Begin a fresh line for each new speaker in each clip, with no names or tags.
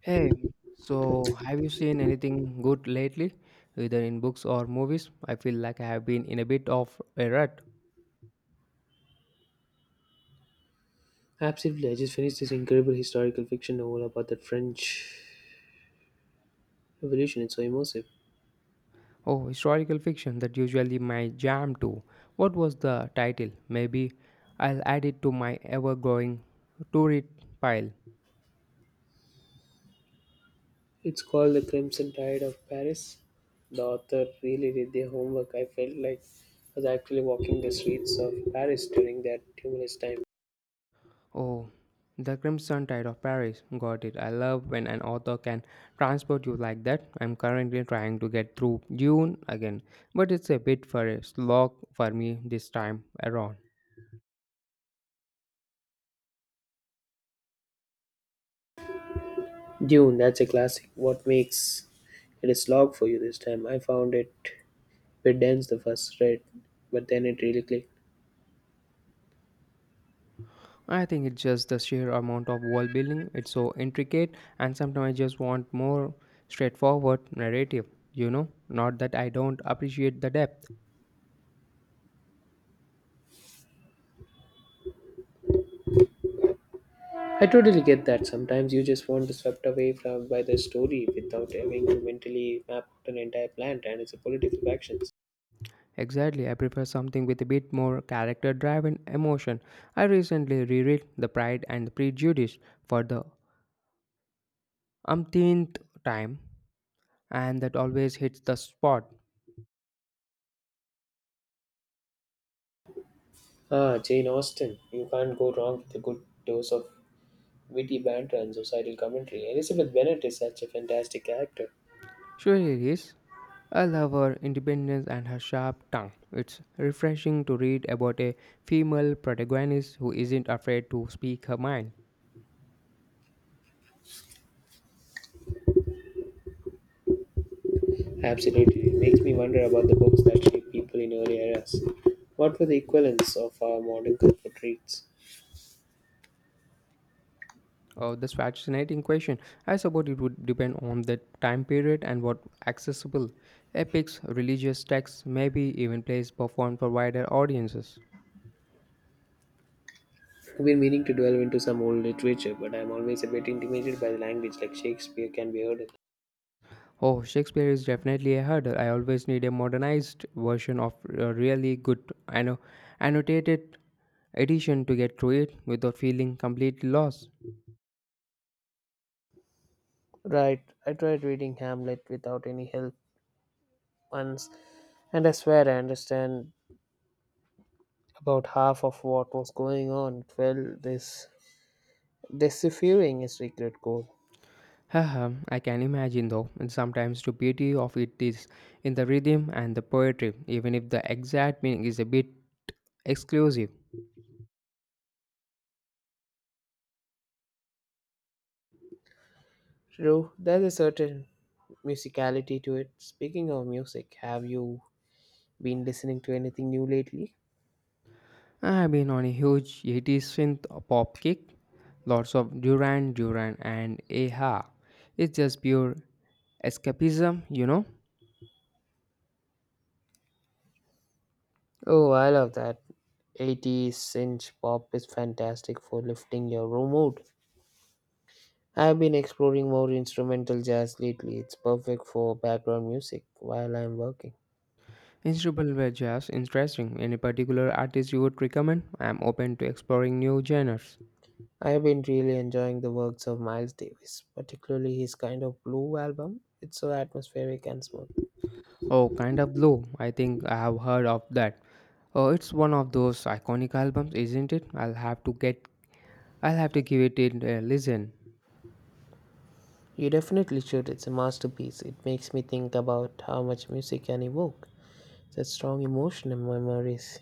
Hey, so have you seen anything good lately, either in books or movies? I feel like I have been in a bit of a rut.
Absolutely, I just finished this incredible historical fiction novel about the French Revolution. It's so immersive.
Oh, historical fiction, that usually my jam too. What was the title? Maybe I'll add it to my ever-growing to-read pile.
It's called The Crimson Tide of Paris. The author really did their homework. I felt like I was actually walking the streets of Paris during that tumultuous time.
Oh, The Crimson Tide of Paris. Got it. I love when an author can transport you like that. I'm currently trying to get through Dune again, but it's a bit for a slog for me this time around.
Dune, that's a classic. What makes it a slog for you this time? I found it a bit dense the first read, but then it really clicked.
I think it's just the sheer amount of world building. It's so intricate, and sometimes I just want more straightforward narrative. Not that I don't appreciate the depth.
I totally get that. Sometimes you just want to swept away from by the story without having to mentally map out an entire plant and its political factions.
Exactly, I prefer something with a bit more character drive and emotion. I recently reread The Pride and the Prejudice for the umpteenth time, and that always hits the spot.
Ah, Jane Austen. You can't go wrong with a good dose of witty banter and societal commentary. Elizabeth Bennet is such a fantastic character.
Surely it is. I love her independence and her sharp tongue. It's refreshing to read about a female protagonist who isn't afraid to speak her mind.
Absolutely. It makes me wonder about the books that shaped people in early eras. What were the equivalents of our modern comfort reads?
Oh, that's fascinating question. I suppose it would depend on the time period and what accessible epics, religious texts, maybe even plays performed for wider audiences.
I've been meaning to delve into some old literature, but I'm always a bit intimidated by the language like Shakespeare can be heard in.
Oh, Shakespeare is definitely a hurdle. I always need a modernized version of a really good anno- annotated edition to get through it without feeling completely lost.
Right, I tried reading Hamlet without any help once, and I swear I understand about half of what was going on. It felt this deciphering his secret code.
Haha, I can imagine though, and sometimes the beauty of it is in the rhythm and the poetry, even if the exact meaning is a bit exclusive.
True, there's a certain musicality to it. Speaking of music, have you been listening to anything new lately?
I've been on a huge 80s synth pop kick, lots of Duran Duran and Aha. It's just pure escapism.
Oh, I love that. 80s synth pop is fantastic for lifting your room mood. I've been exploring more instrumental jazz lately. It's perfect for background music while I'm working.
Instrumental were jazz interesting. Any particular artist you would recommend? I'm open to exploring new genres.
I have been really enjoying the works of Miles Davis, particularly his kind of blue album. It's so atmospheric and smooth.
Oh, kind of blue. I think I have heard of that. Oh, it's one of those iconic albums, isn't it? I'll have to get I'll have to give it a listen.
You definitely should, it's a masterpiece. It makes me think about how much music can evoke such strong emotion and memories.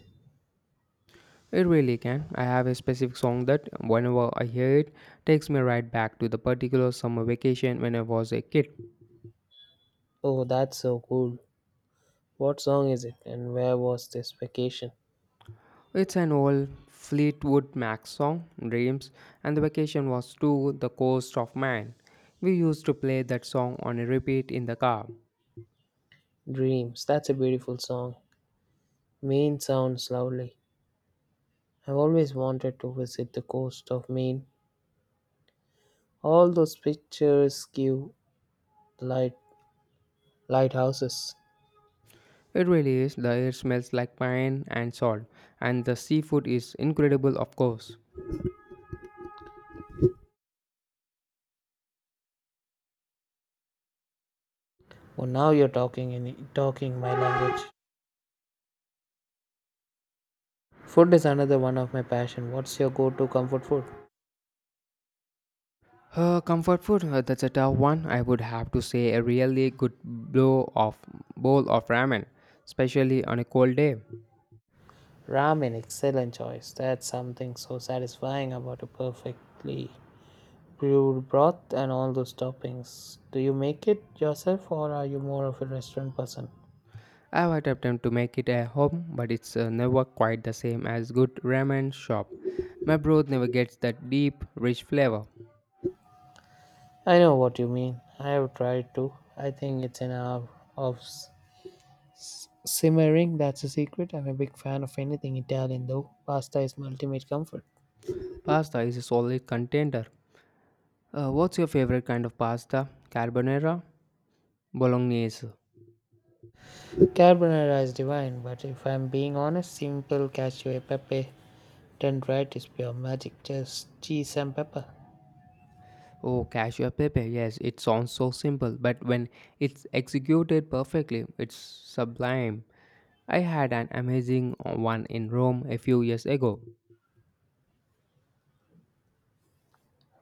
It really can. I have a specific song that whenever I hear it takes me right back to the particular summer vacation when I was a kid.
Oh, that's so cool. What song is it and where was this vacation?
It's an old Fleetwood Mac song, Dreams, and the vacation was to the coast of Maine. We used to play that song on a repeat in the car.
Dreams, that's a beautiful song. Maine sounds lovely. I've always wanted to visit the coast of Maine. All those picturesque light lighthouses.
It really is, the air smells like pine and salt, and the seafood is incredible, of course.
Oh, now you're talking my language. Food is another one of my passion. What's your go-to comfort food?
Comfort food, that's a tough one. I would have to say a really good blow of bowl of ramen, especially on a cold day.
Ramen, excellent choice. That's something so satisfying about a perfectly brewed broth and all those toppings. Do you make it yourself or are you more of a restaurant person?
I've had attempted to make it at home, but it's never quite the same as good ramen shop. My broth never gets that deep, rich flavor.
I know what you mean. I have tried to. I think it's an hour of simmering. That's a secret. I'm a big fan of anything Italian though. Pasta is my ultimate comfort.
Pasta is a solid contender. What's your favorite kind of pasta? Carbonara? Bolognese?
Carbonara is divine, but if I'm being honest, simple cashew pepe turned right is pure magic. Just cheese and pepper.
Oh, cashew pepe. Yes, it sounds so simple, but when it's executed perfectly, it's sublime. I had an amazing one in Rome a few years ago.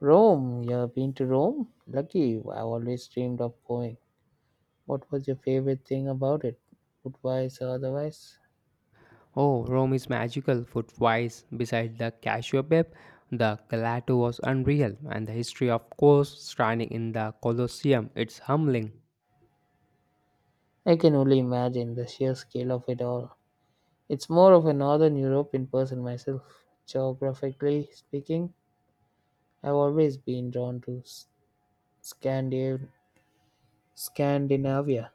Rome, you have been to Rome? Lucky you, I always dreamed of going. What was your favorite thing about it, food wise or otherwise?
Oh, Rome is magical. Food wise, beside the Cassiopeia, the Galato was unreal, and the history of course standing in the Colosseum, it's humbling.
I can only imagine the sheer scale of it all. It's more of a Northern European person myself. Geographically speaking, I've always been drawn to Scandiv- Scandinavia.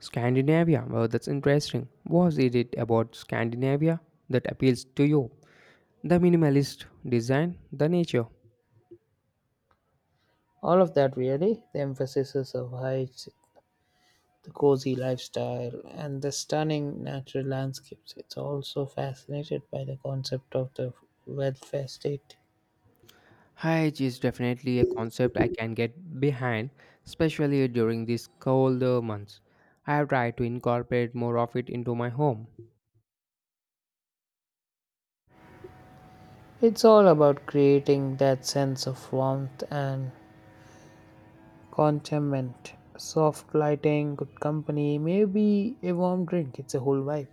Scandinavia, well, that's interesting. What is it about Scandinavia that appeals to you? The minimalist design, the nature.
All of that really, the emphasis of heights, the cozy lifestyle, and the stunning natural landscapes. It's also fascinated by the concept of the welfare state.
Hyge is definitely a concept I can get behind, especially during these colder months. I have tried to incorporate more of it into my home.
It's all about creating that sense of warmth and contentment. Soft lighting, good company, maybe a warm drink. It's a whole vibe.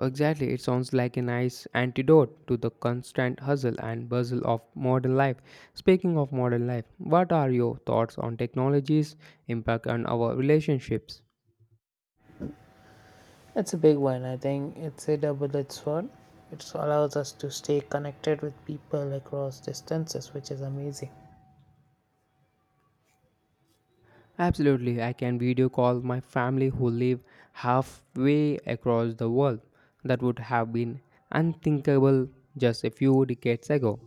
Exactly, it sounds like a nice antidote to the constant hustle and bustle of modern life. Speaking of modern life, what are your thoughts on technology's impact on our relationships?
It's a big one. I think it's a double edged sword. It allows us to stay connected with people across distances, which is amazing.
Absolutely, I can video call my family who live halfway across the world. That would have been unthinkable just a few decades ago.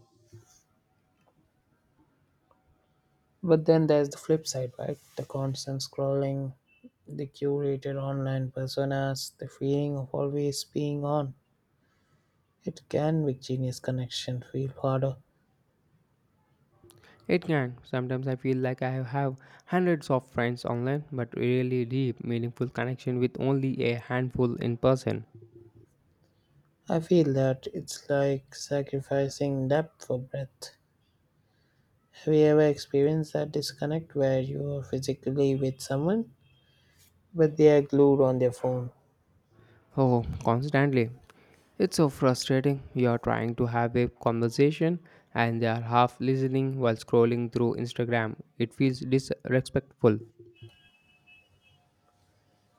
But then there's the flip side, right? The constant scrolling, the curated online personas, the feeling of always being on. It can make genius connection feel harder.
It can. Sometimes I feel like I have hundreds of friends online, but really deep, meaningful connection with only a handful in person.
I feel that it's like sacrificing depth for breadth. Have you ever experienced that disconnect where you are physically with someone, but they are glued on their phone?
Oh, constantly. It's so frustrating. You're trying to have a conversation and they are half listening while scrolling through Instagram. It feels disrespectful.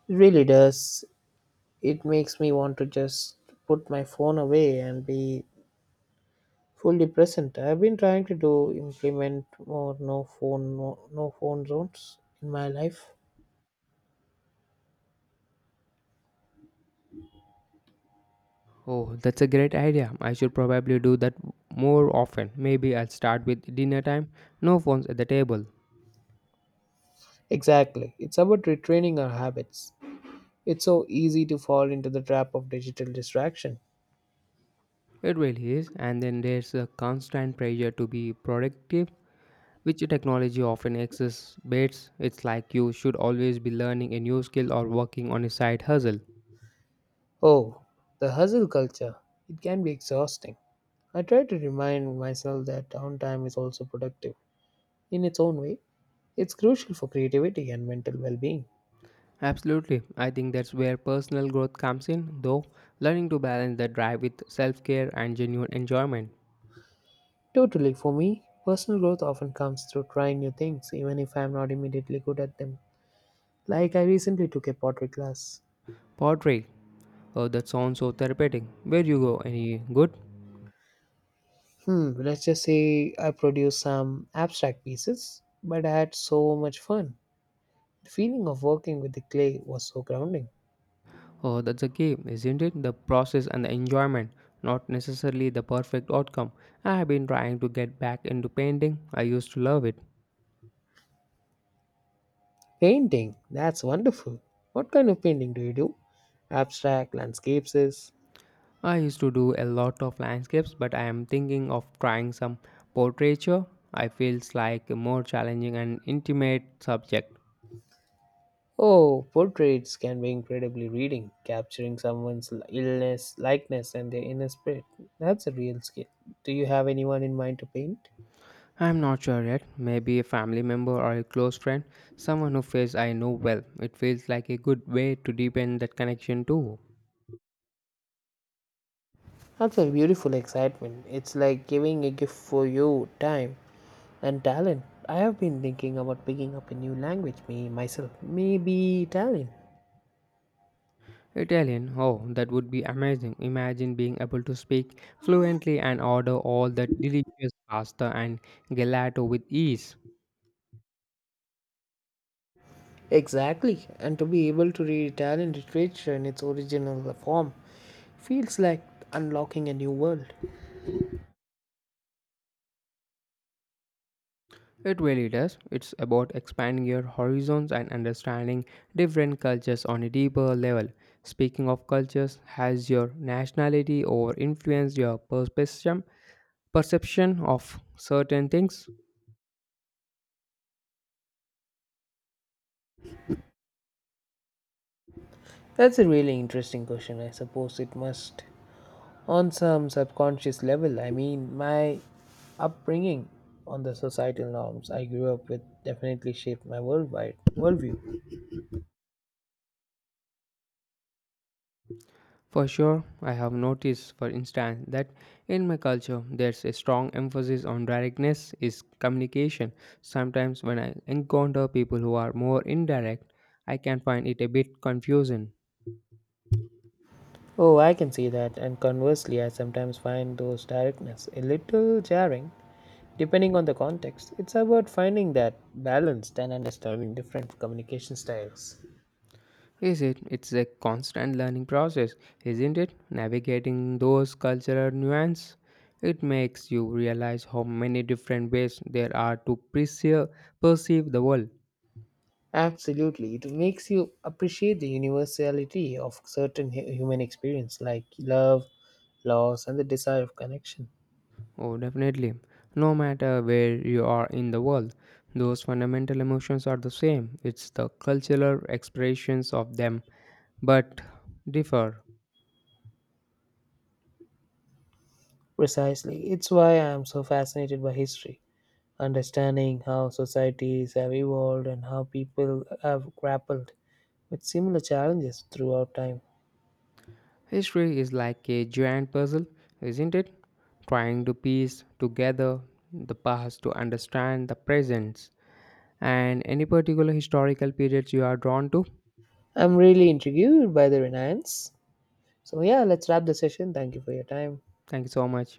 It really does. It makes me want to just put my phone away and be fully present. I've been trying to do implement more no phone no, no phone zones in my life.
Oh, that's a great idea. I should probably do that more often. Maybe I'll start with dinner time. No phones at the table.
Exactly. It's about retraining our habits. It's so easy to fall into the trap of digital distraction.
It really is. And then there's a constant pressure to be productive, which technology often exacerbates. It's like you should always be learning a new skill or working on a side hustle.
Oh, the hustle culture. It can be exhausting. I try to remind myself that downtime is also productive in its own way. It's crucial for creativity and mental well being.
Absolutely. I think that's where personal growth comes in, though, learning to balance the drive with self care and genuine enjoyment.
Totally, for me, personal growth often comes through trying new things, even if I'm not immediately good at them. Like, I recently took a pottery class.
Pottery. Oh, that sounds so therapeutic. Where you go? Any good?
Let's just say I produced some abstract pieces, but I had so much fun. The feeling of working with the clay was so grounding.
Oh, that's the key, isn't it? The process and the enjoyment, not necessarily the perfect outcome. I have been trying to get back into painting. I used to love it.
Painting, that's wonderful. What kind of painting do you do? Abstract, landscapes?
I used to do a lot of landscapes, but I am thinking of trying some portraiture. I feels like a more challenging and intimate subject.
Oh, portraits can be incredibly reading, capturing someone's illness, likeness, and their inner spirit. That's a real skill. Do you have anyone in mind to paint?
I'm not sure yet. Maybe a family member or a close friend, someone who face I know well. It feels like a good way to deepen that connection too.
That's a beautiful excitement. It's like giving a gift for your time and talent. I have been thinking about picking up a new language, me myself, maybe Italian.
Italian, oh, that would be amazing. Imagine being able to speak fluently and order all that delicious pasta and gelato with ease.
Exactly, and to be able to read Italian literature in its original form feels like unlocking a new world.
It really does. It's about expanding your horizons and understanding different cultures on a deeper level. Speaking of cultures, has your nationality or influenced your perspective perception of certain things?
That's a really interesting question. I suppose it must, on some subconscious level. I mean, my upbringing on the societal norms I grew up with definitely shaped my worldwide worldview.
For sure, I have noticed for instance that in my culture there's a strong emphasis on directness is communication. Sometimes when I encounter people who are more indirect, I can find it a bit confusing.
Oh, I can see that, and conversely, I sometimes find those directness a little jarring, depending on the context. It's about finding that balance and understanding different communication styles.
Is it it's a constant learning process, isn't it, navigating those cultural nuances. It makes you realize how many different ways there are to perceive the world.
Absolutely, it makes you appreciate the universality of certain human experience, like love, loss, and the desire of connection.
Oh, definitely. No matter where you are in the world, those fundamental emotions are the same. It's the cultural expressions of them, but differ.
Precisely, it's why I am so fascinated by history, understanding how societies have evolved and how people have grappled with similar challenges throughout time.
History is like a giant puzzle, isn't it? Trying to piece together the past to understand the present. And any particular historical periods you are drawn to?
I'm really intrigued by the Renaissance. So, yeah, let's wrap the session. Thank you for your time.
Thank you so much.